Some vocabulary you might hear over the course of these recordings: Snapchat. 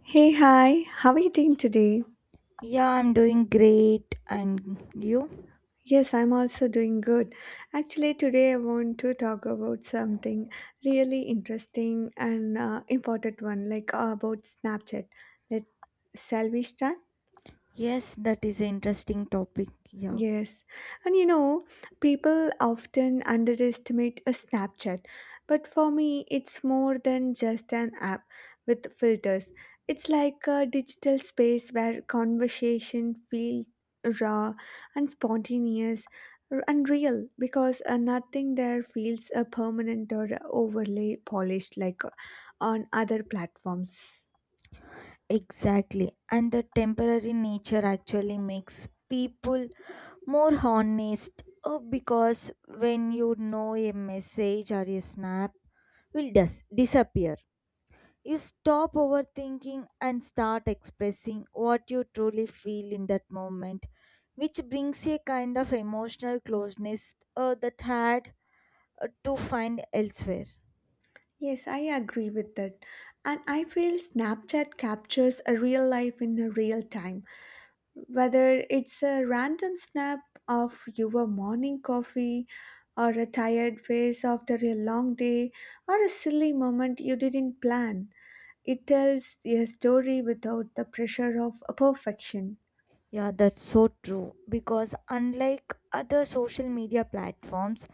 Hey, hi, how are you doing today? Yeah, I'm doing great. And you? Yes, I'm also doing good. Actually, today I want to talk about something really interesting and important one, like about Snapchat. Let shall we start? Yes, that is an interesting topic. Yeah, Yes. And you know, people often underestimate a Snapchat, but for me, it's more than just an app with filters. It's like a digital space where conversation feels raw and spontaneous and real because nothing there feels permanent or overly polished like on other platforms. exactly. And the temporary nature actually makes people more honest, because when you know a message or a snap will disappear, you stop overthinking and start expressing what you truly feel in that moment, which brings a kind of emotional closeness that had to find elsewhere. Yes, I agree with that. And I feel Snapchat captures a real life in a real time. Whether it's a random snap of your morning coffee, or a tired face after a long day, or a silly moment you didn't plan, it tells a story without the pressure of a perfection. Yeah, that's so true. Because unlike other social media platforms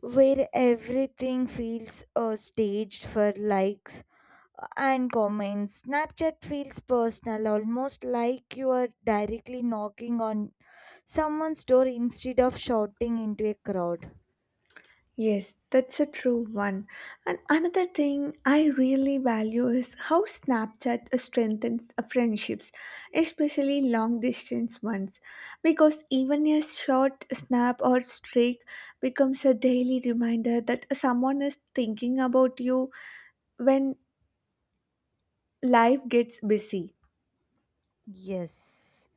where everything feels staged for likes and comments, Snapchat feels personal, almost like you are directly knocking on someone's door instead of shouting into a crowd. Yes, that's a true one. And another thing I really value is how Snapchat strengthens friendships, especially long distance ones, because even a short snap or streak becomes a daily reminder that someone is thinking about you when life gets busy. Yes.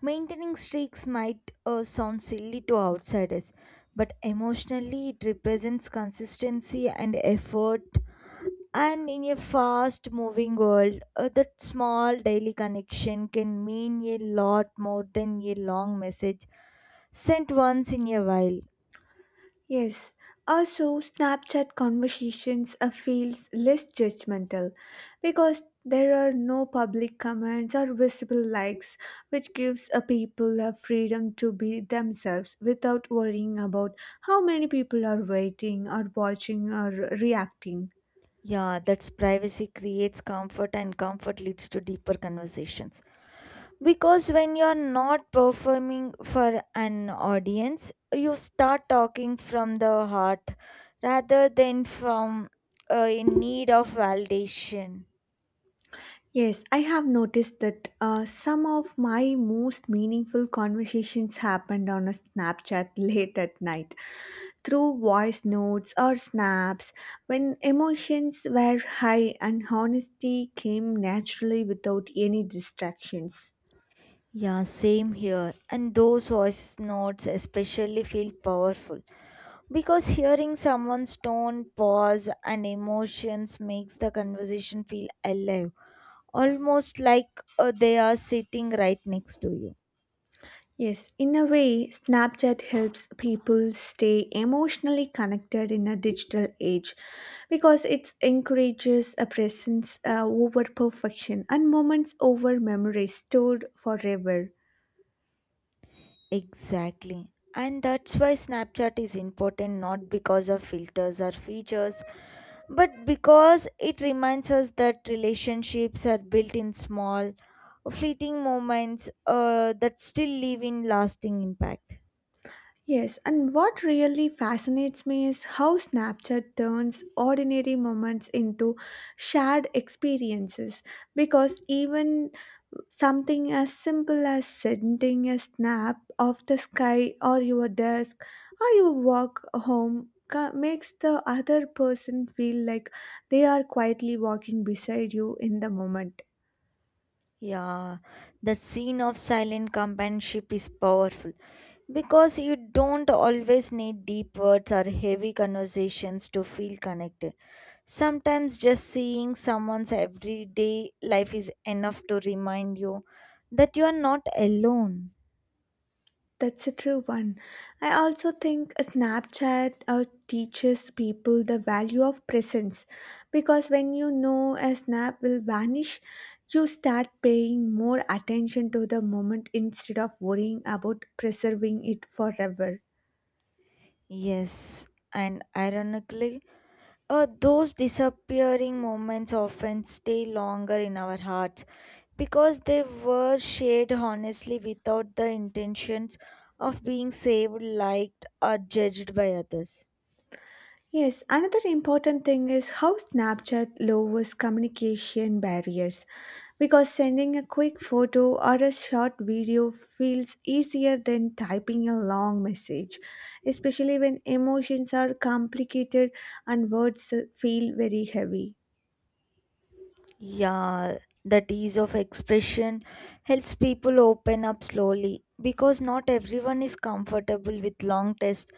Maintaining streaks might sound silly to outsiders, but emotionally it represents consistency and effort. And in a fast moving world, that small daily connection can mean a lot more than a long message sent once in a while. Yes. Also, Snapchat conversations feels less judgmental because there are no public comments or visible likes, which gives a people a freedom to be themselves without worrying about how many people are waiting or watching or reacting. Yeah, that's privacy creates comfort, and comfort leads to deeper conversations. Because when you're not performing for an audience, you start talking from the heart rather than from in need of validation. Yes, I have noticed that some of my most meaningful conversations happened on a Snapchat late at night through voice notes or snaps when emotions were high and honesty came naturally without any distractions. Yeah, same here. And those voice notes especially feel powerful because hearing someone's tone, pause, and emotions makes the conversation feel alive, almost like they are sitting right next to you. Yes, in a way, Snapchat helps people stay emotionally connected in a digital age because it encourages a presence over perfection and moments over memories stored forever. Exactly. And that's why Snapchat is important, not because of filters or features, but because it reminds us that relationships are built in small, fleeting moments that still leave in lasting impact. Yes, and what really fascinates me is how Snapchat turns ordinary moments into shared experiences because even something as simple as sending a snap of the sky or your desk or your walk home makes the other person feel like they are quietly walking beside you in the moment. Yeah, the scene of silent companionship is powerful because you don't always need deep words or heavy conversations to feel connected. Sometimes just seeing someone's everyday life is enough to remind you that you are not alone. That's a true one. I also think a Snapchat teaches people the value of presence because when you know a snap will vanish, you start paying more attention to the moment instead of worrying about preserving it forever. Yes, and ironically, those disappearing moments often stay longer in our hearts because they were shared honestly without the intentions of being saved, liked, or judged by others. Yes, another important thing is how Snapchat lowers communication barriers because sending a quick photo or a short video feels easier than typing a long message, especially when emotions are complicated and words feel very heavy. Yeah, that ease of expression helps people open up slowly because not everyone is comfortable with long tests,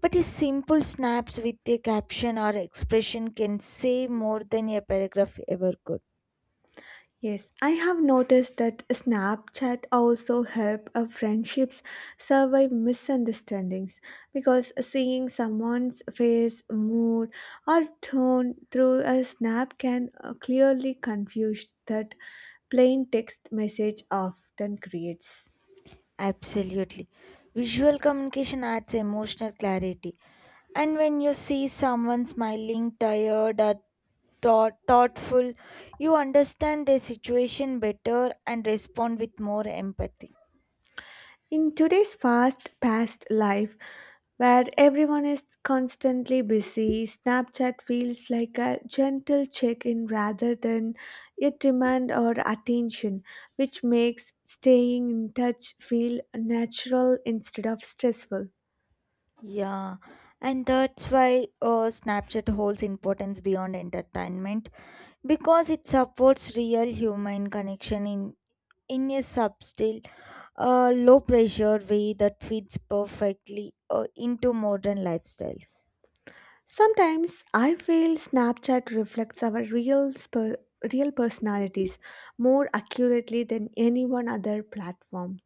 but a simple snaps with a caption or expression can say more than a paragraph ever could. Yes, I have noticed that Snapchat also help friendships survive misunderstandings because seeing someone's face, mood, or tone through a snap can clearly confuse that plain text message often creates. Absolutely. Visual communication adds emotional clarity. And when you see someone smiling, tired, or thoughtful, you understand their situation better and respond with more empathy. In today's fast paced life, where everyone is constantly busy, Snapchat feels like a gentle check in rather than a demand or attention, which makes staying in touch feel natural instead of stressful. Yeah, and that's why Snapchat holds importance beyond entertainment because it supports real human connection in a subtle, low pressure way that fits perfectly into modern lifestyles. Sometimes I feel Snapchat reflects our real personalities more accurately than any one other platform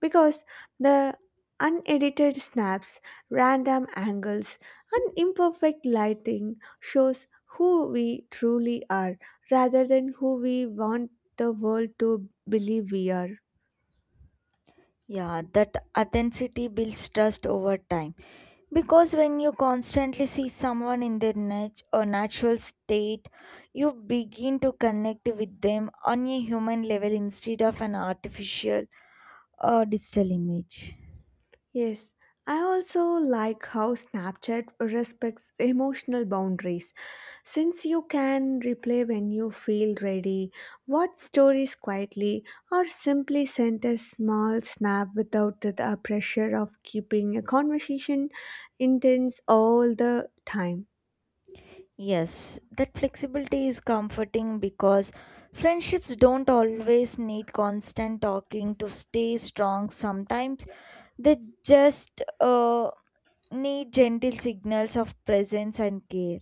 because the unedited snaps, random angles, and imperfect lighting shows who we truly are rather than who we want the world to believe we are. Yeah, that authenticity builds trust over time. Because when you constantly see someone in their nat- or natural state, you begin to connect with them on a human level instead of an artificial or digital image. Yes, I also like how Snapchat respects emotional boundaries. Since you can replay when you feel ready, watch stories quietly, or simply send a small snap without the pressure of keeping a conversation intense all the time. Yes, that flexibility is comforting because friendships don't always need constant talking to stay strong. Sometimes they just need gentle signals of presence and care.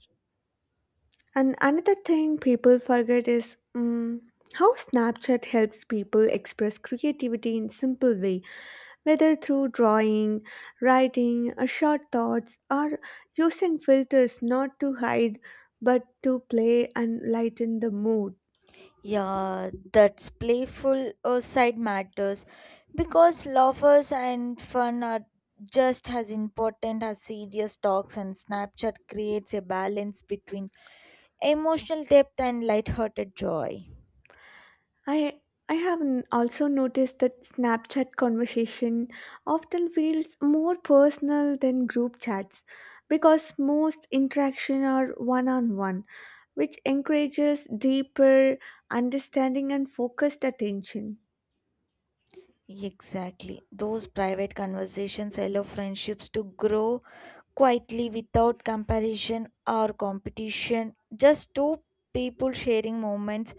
And another thing people forget is how Snapchat helps people express creativity in simple way, whether through drawing, writing, short thoughts, or using filters not to hide but to play and lighten the mood. Yeah, that's playful side matters because lovers and fun are just as important as serious talks, and Snapchat creates a balance between emotional depth and lighthearted joy. I I have also noticed that Snapchat conversation often feels more personal than group chats because most interaction are one on one, which encourages deeper understanding and focused attention. Exactly. Those private conversations allow friendships to grow quietly without comparison or competition, just two people sharing moments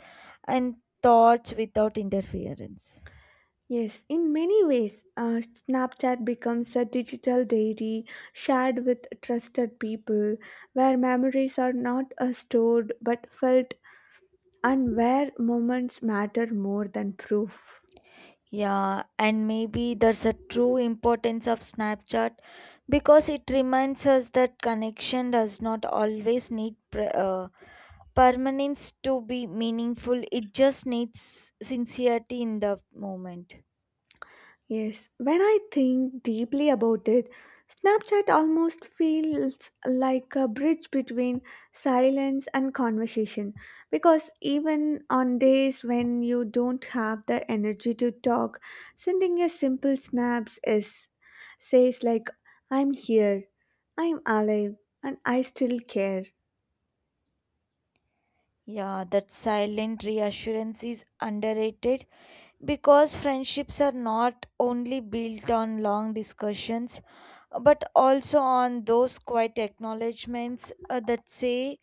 and thoughts without interference. Yes, in many ways, Snapchat becomes a digital diary shared with trusted people where memories are not stored but felt and where moments matter more than proof. Yeah, and maybe there's a true importance of Snapchat because it reminds us that connection does not always need permanence to be meaningful. It just needs sincerity in the moment. Yes, when I think deeply about it, Snapchat almost feels like a bridge between silence and conversation because even on days when you don't have the energy to talk, sending a simple snaps is says like I'm here, I'm alive, and I still care. Yeah, that silent reassurance is underrated because friendships are not only built on long discussions but also on those quiet acknowledgments that say,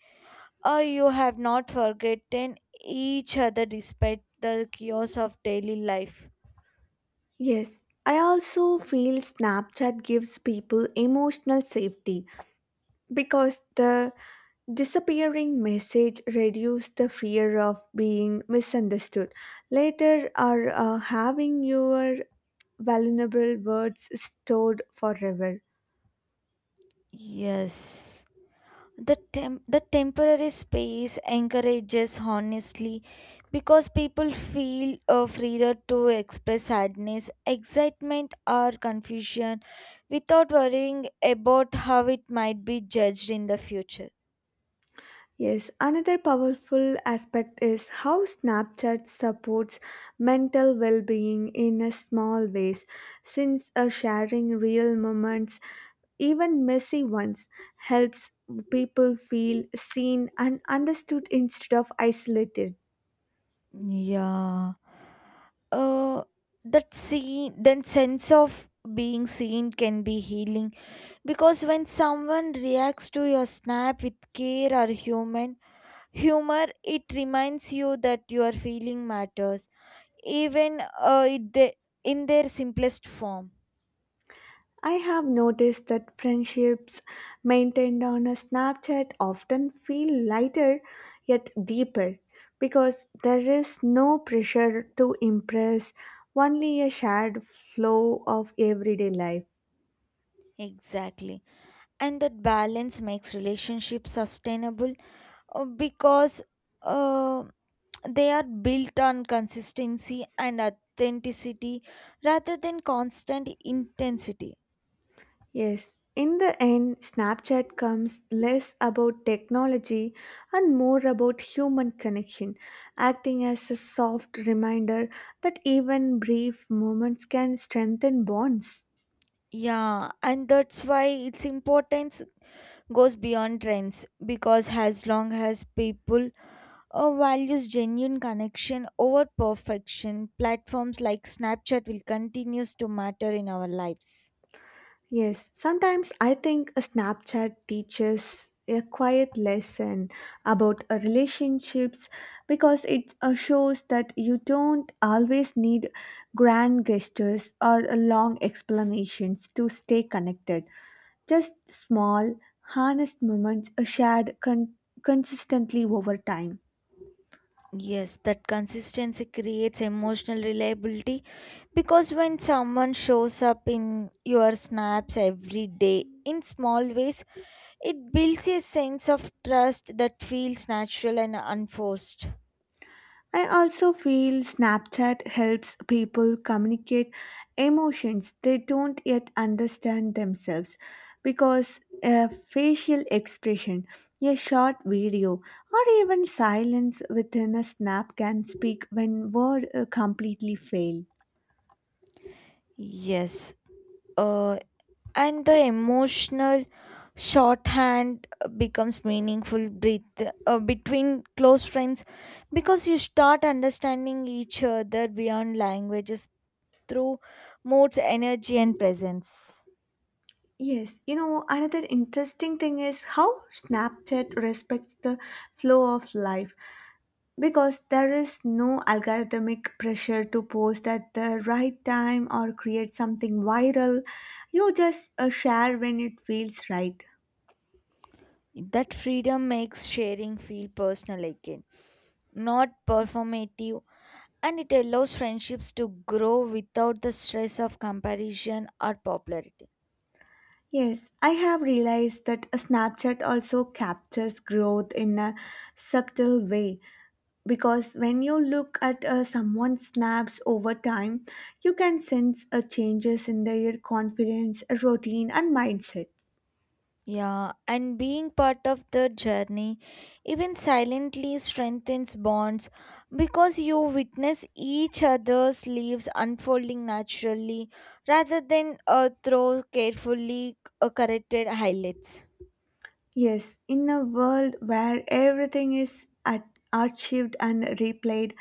You have not forgotten each other despite the chaos of daily life. Yes, I also feel Snapchat gives people emotional safety because the disappearing message reduce the fear of being misunderstood later or having your vulnerable words stored forever. Yes. The temporary space encourages honestly because people feel freer to express sadness, excitement, or confusion without worrying about how it might be judged in the future. Yes, another powerful aspect is how Snapchat supports mental well being in a small ways, since sharing real moments, even messy ones, helps people feel seen and understood instead of isolated. Yeah. Uh, that see, then sense of being seen can be healing, because when someone reacts to your snap with care or human humor, it reminds you that your feeling matters, even in their simplest form. I have noticed that friendships maintained on a Snapchat often feel lighter yet deeper because there is no pressure to impress, only a shared flow of everyday life. Exactly, and that balance makes relationships sustainable because uh, they are built on consistency and authenticity rather than constant intensity. Yes, in the end, Snapchat comes less about technology and more about human connection, acting as a soft reminder that even brief moments can strengthen bonds. Yeah, and that's why it's important goes beyond trends because as long as people values genuine connection over perfection, platforms like Snapchat will continues to matter in our lives. Yes, sometimes I think a Snapchat teaches a quiet lesson about a relationships because it shows that you don't always need grand gestures or long explanations to stay connected. Just small, honest moments are shared consistently over time. Yes, that consistency creates emotional reliability because when someone shows up in your snaps every day in small ways, it builds a sense of trust that feels natural and unforced. I also feel Snapchat helps people communicate emotions they don't yet understand themselves because a facial expression, a short video, or even silence within a snap can speak when words completely fail. Yes. Uh, and the emotional shorthand becomes meaningful breath, between close friends because you start understanding each other beyond languages through moods energy and presence. Yes, you know, another interesting thing is how Snapchat respects the flow of life, because there is no algorithmic pressure to post at the right time or create something viral, you just share when it feels right. That freedom makes sharing feel personal again, not performative, and it allows friendships to grow without the stress of comparison or popularity. Yes, I have realized that Snapchat also captures growth in a subtle way because when you look at someone's snaps over time, you can sense changes in their confidence, routine, and mindset. Yeah, and being part of the journey, even silently, strengthens bonds because you witness each other's lives unfolding naturally rather than through carefully corrected highlights. Yes, in a world where everything is at- archived and replayed,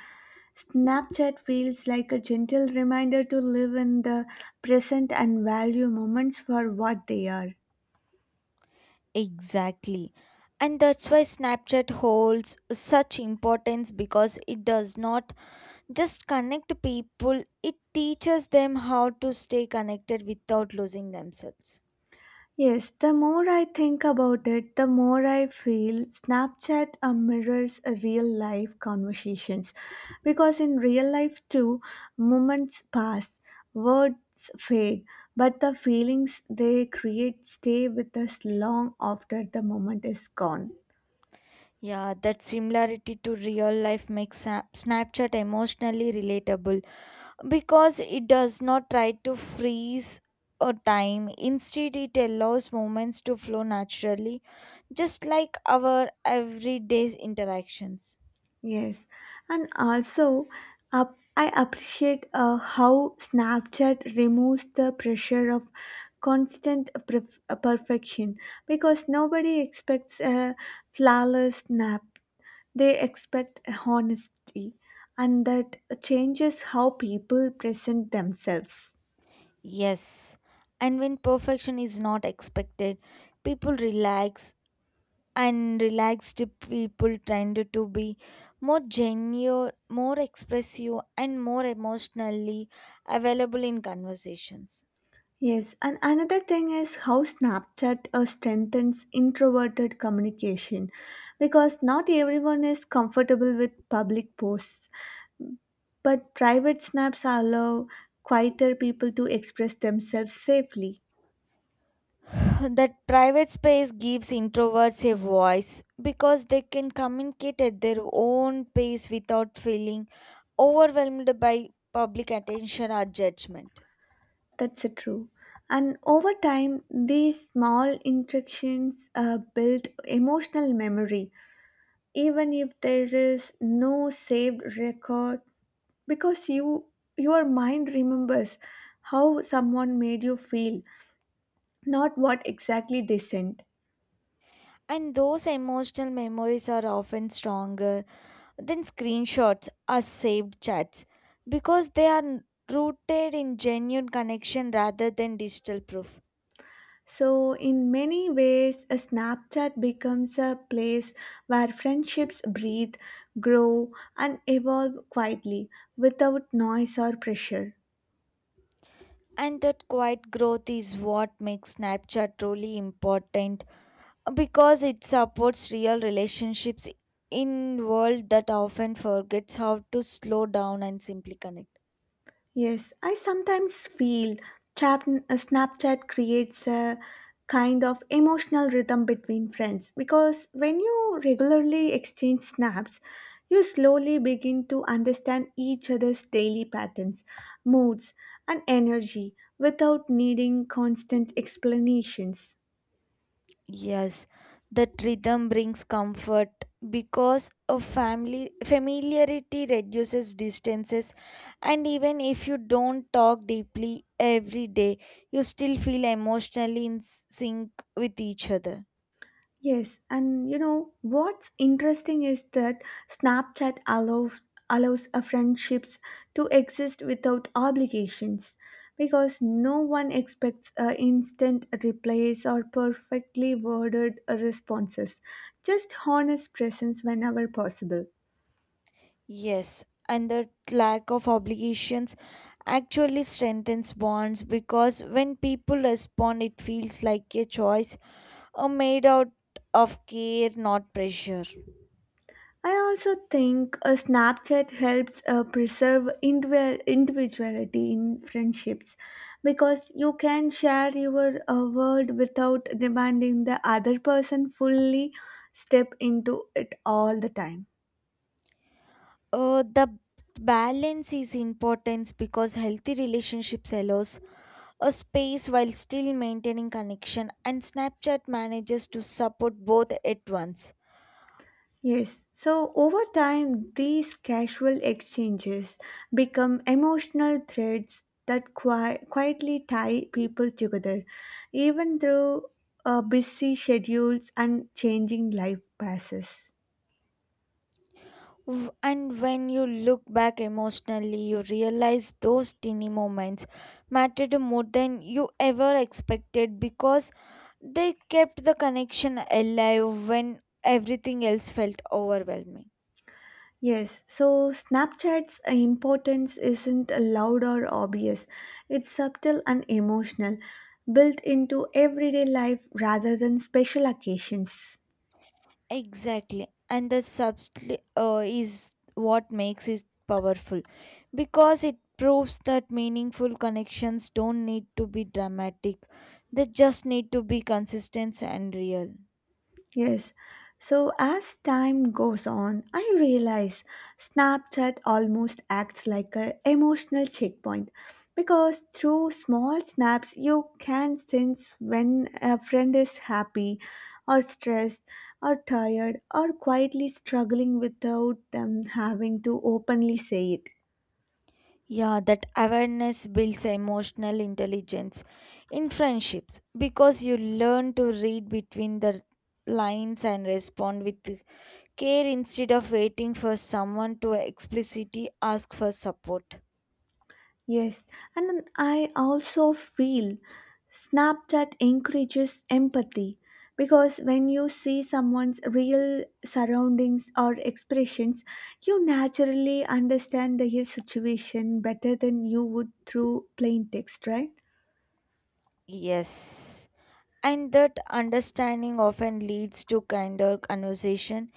Snapchat feels like a gentle reminder to live in the present and value moments for what they are. Exactly. And that's why Snapchat holds such importance because it does not just connect people, it teaches them how to stay connected without losing themselves. Yes, the more I think about it, the more I feel Snapchat mirrors a real life conversations. Because in real life, too, moments pass, words fade, but the feelings they create stay with us long after the moment is gone. Yeah, that similarity to real life makes Snapchat emotionally relatable because it does not try to freeze a time. Instead, it allows moments to flow naturally, just like our everyday interactions. Yes, and also up, I appreciate how Snapchat removes the pressure of constant perfection because nobody expects a flawless snap. They expect honesty, and that changes how people present themselves. Yes, and when perfection is not expected, people relax, and relaxed people tend to be more genuine, more expressive, and more emotionally available in conversations. Yes, and another thing is how Snapchat strengthens introverted communication because not everyone is comfortable with public posts, but private snaps allow quieter people to express themselves safely. That private space gives introverts a voice because they can communicate at their own pace without feeling overwhelmed by public attention or judgment. That's a true. And over time, these small interactions build emotional memory. Even if there is no saved record, because your mind remembers how someone made you feel not what exactly they sent. And those emotional memories are often stronger then screenshots are saved chats because they are rooted in genuine connection rather than digital proof. So in many ways a Snapchat becomes a place where friendships breathe, grow, and evolve quietly without noise or pressure. And that quiet growth is what makes Snapchat truly important because it supports real relationships in world that often forgets how to slow down and simply connect. Yes, I sometimes feel Snapchat creates a kind of emotional rhythm between friends because when you regularly exchange snaps, you slowly begin to understand each other's daily patterns, moods, and energy without needing constant explanations. Yes, that rhythm brings comfort because a family familiarity reduces distances, and even if you don't talk deeply every day, you still feel emotionally in sync with each other. Yes, and you know what's interesting is that Snapchat allows a friendships to exist without obligations because no one expects a instant replies or perfectly worded responses, just honest presence whenever possible. Yes, and the lack of obligations actually strengthens bonds because when people respond it feels like a choice, a made out of care, not pressure. I also think a Snapchat helps preserve individuality in friendships because you can share your world without demanding the other person fully step into it all the time. The balance is important because healthy relationships allows a space while still maintaining connection, and Snapchat manages to support both at once. Yes, so over time, these casual exchanges become emotional threads that quietly tie people together, even through busy schedules and changing life passes. And when you look back emotionally, you realize those teeny moments mattered more than you ever expected because they kept the connection alive when everything else felt overwhelming. Yes, so Snapchat's importance isn't loud or obvious, it's subtle and emotional, built into everyday life rather than special occasions. Exactly, and the substance is what makes it powerful because it proves that meaningful connections don't need to be dramatic, they just need to be consistent and real. Yes. So as time goes on, I realize Snapchat almost acts like an emotional checkpoint because through small snaps you can sense when a friend is happy or stressed or tired or quietly struggling without them having to openly say it. Yeah, that awareness builds emotional intelligence in friendships because you learn to read between the lines and respond with care instead of waiting for someone to explicitly ask for support. Yes, and then I also feel Snapchat encourages empathy because when you see someone's real surroundings or expressions, you naturally understand their situation better than you would through plain text, right? Yes. And that understanding often leads to kinder conversation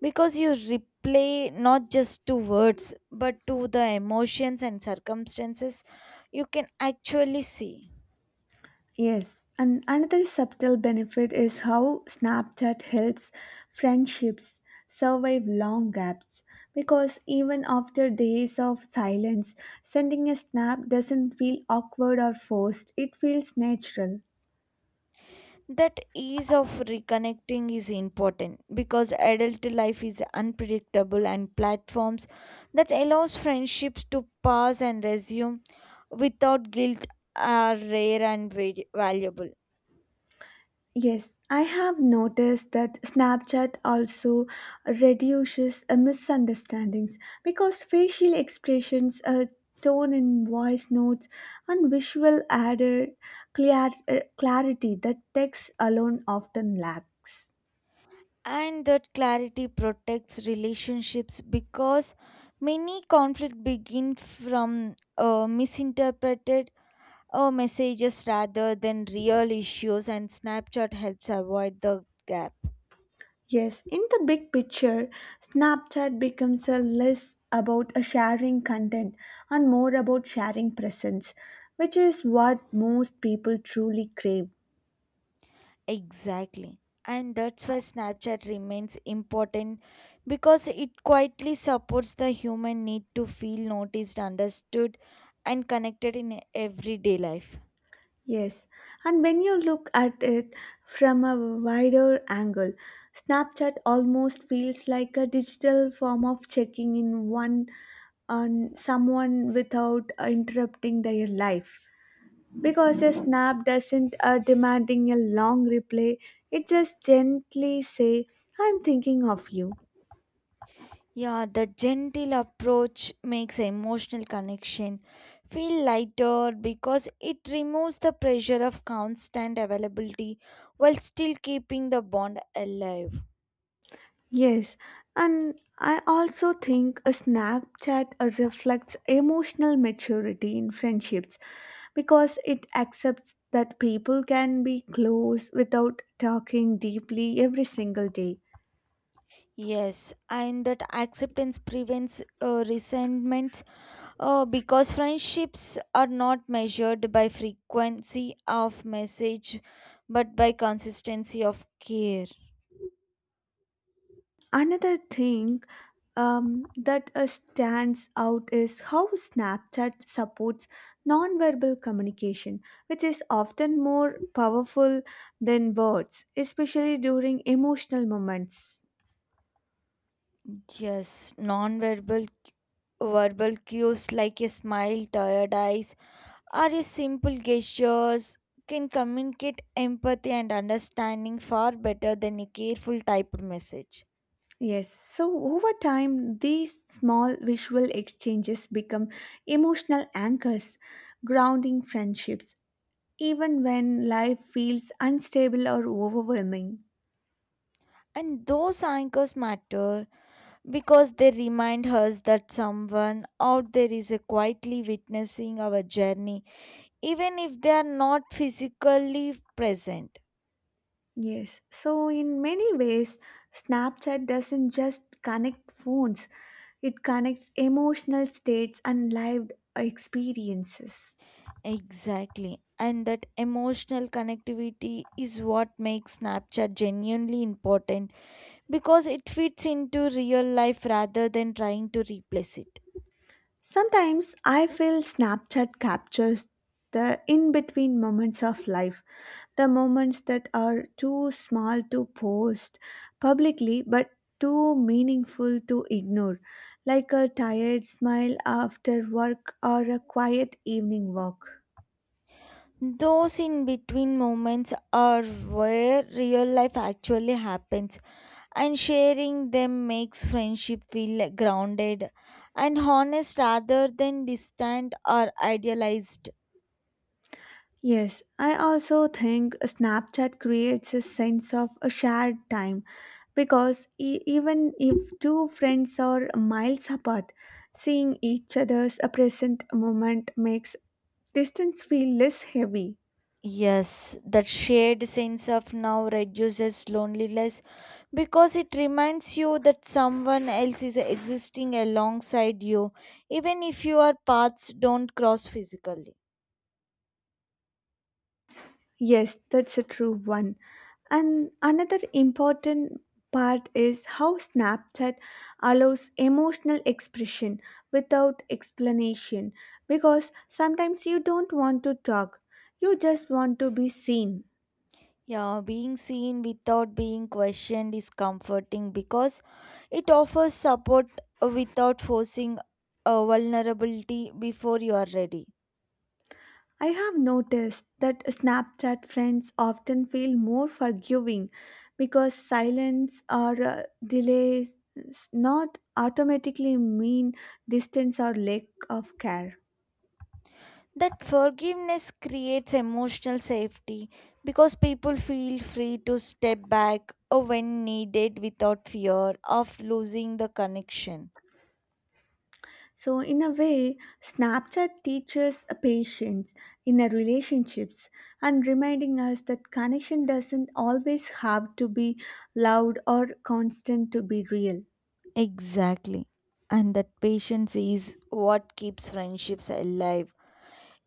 because you replay not just to words but to the emotions and circumstances you can actually see. Yes, and another subtle benefit is how Snapchat helps friendships survive long gaps because even after days of silence, sending a snap doesn't feel awkward or forced, it feels natural. That ease of reconnecting is important because adult life is unpredictable and platforms that allows friendships to pass and resume without guilt are rare and valuable. Yes, I have noticed that Snapchat also reduces misunderstandings because facial expressions, tone in voice notes, and visual added clarity that text alone often lacks. And that clarity protects relationships because many conflict begin from misinterpreted messages rather than real issues, and snapchat helps avoid the gap. Yes, in the big picture, Snapchat becomes a less about a sharing content and more about sharing presence, which is what most people truly crave. Exactly, and that's why snapchat remains important because it quietly supports the human need to feel noticed, understood, and connected in everyday life. Yes, and when you look at it from a wider angle, Snapchat almost feels like a digital form of checking in one on someone without interrupting their life. Because a snap doesn't demanding a long replay, it just gently say, "I'm thinking of you." Yeah, the gentle approach makes emotional connection feel lighter because it removes the pressure of constant availability while still keeping the bond alive. Yes, and I also think a Snapchat reflects emotional maturity in friendships because it accepts that people can be close without talking deeply every single day. Yes, and that acceptance prevents resentment because friendships are not measured by frequency of message but by consistency of care. Another thing that stands out is how Snapchat supports nonverbal communication, which is often more powerful than words, especially during emotional moments. Yes, non-verbal verbal cues like a smile, tired eyes, or a simple gestures can communicate empathy and understanding far better than a careful typed message. Yes, so over time, these small visual exchanges become emotional anchors, grounding friendships, even when life feels unstable or overwhelming. And those anchors matter because they remind us that someone out there is quietly witnessing our journey, even if they are not physically present. Yes, so in many ways, Snapchat doesn't just connect phones, it connects emotional states and lived experiences. Exactly. And that emotional connectivity is what makes Snapchat genuinely important because it fits into real life rather than trying to replace it. Sometimes I feel Snapchat captures the in between moments of life, the moments that are too small to post publicly but too meaningful to ignore, like a tired smile after work or a quiet evening walk. Those in between moments are where real life actually happens, and sharing them makes friendship feel grounded and honest rather than distant or idealized. Yes, I also think Snapchat creates a sense of a shared time because even if two friends are miles apart, seeing each other's a present moment makes distance feel less heavy. Yes, that shared sense of now reduces loneliness because it reminds you that someone else is existing alongside you, even if your paths don't cross physically. Yes, that's a true one. And another important part is how Snapchat allows emotional expression without explanation because sometimes you don't want to talk, you just want to be seen. Yeah, being seen without being questioned is comforting because it offers support without forcing a vulnerability before you are ready. I have noticed that Snapchat friends often feel more forgiving because silence or delays not automatically mean distance or lack of care. That forgiveness creates emotional safety because people feel free to step back when needed without fear of losing the connection. So, in a way, Snapchat teaches a patience in our relationships and reminding us that connection doesn't always have to be loud or constant to be real. Exactly. And that patience is what keeps friendships alive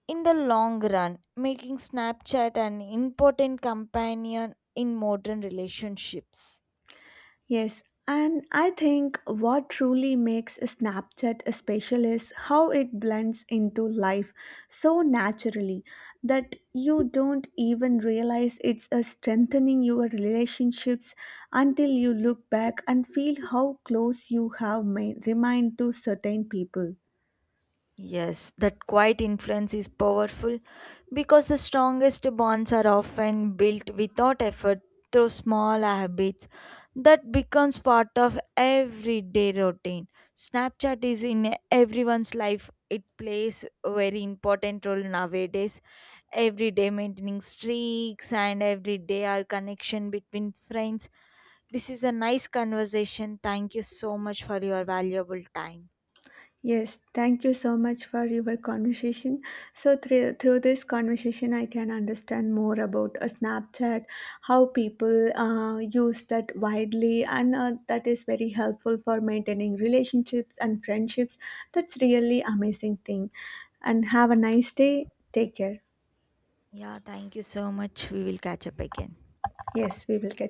in the long run, making Snapchat an important companion in modern relationships. Yes, and I think what truly makes Snapchat special is how it blends into life so naturally that you don't even realize it's a strengthening your relationships until you look back and feel how close you have made, remained to certain people. Yes, that quiet influence is powerful because the strongest bonds are often built without effort through small habits that becomes part of everyday routine. Snapchat is in everyone's life. It plays a very important role nowadays. Every day maintaining streaks and every day our connection between friends. This is a nice conversation. Thank you so much for your valuable time. Yes, thank you so much for your conversation. So through this conversation, I can understand more about a Snapchat, how people use that widely, and that is very helpful for maintaining relationships and friendships. That's really amazing thing. And have a nice day. Take care. Yeah, thank you so much. We will catch up again. Yes, we will catch.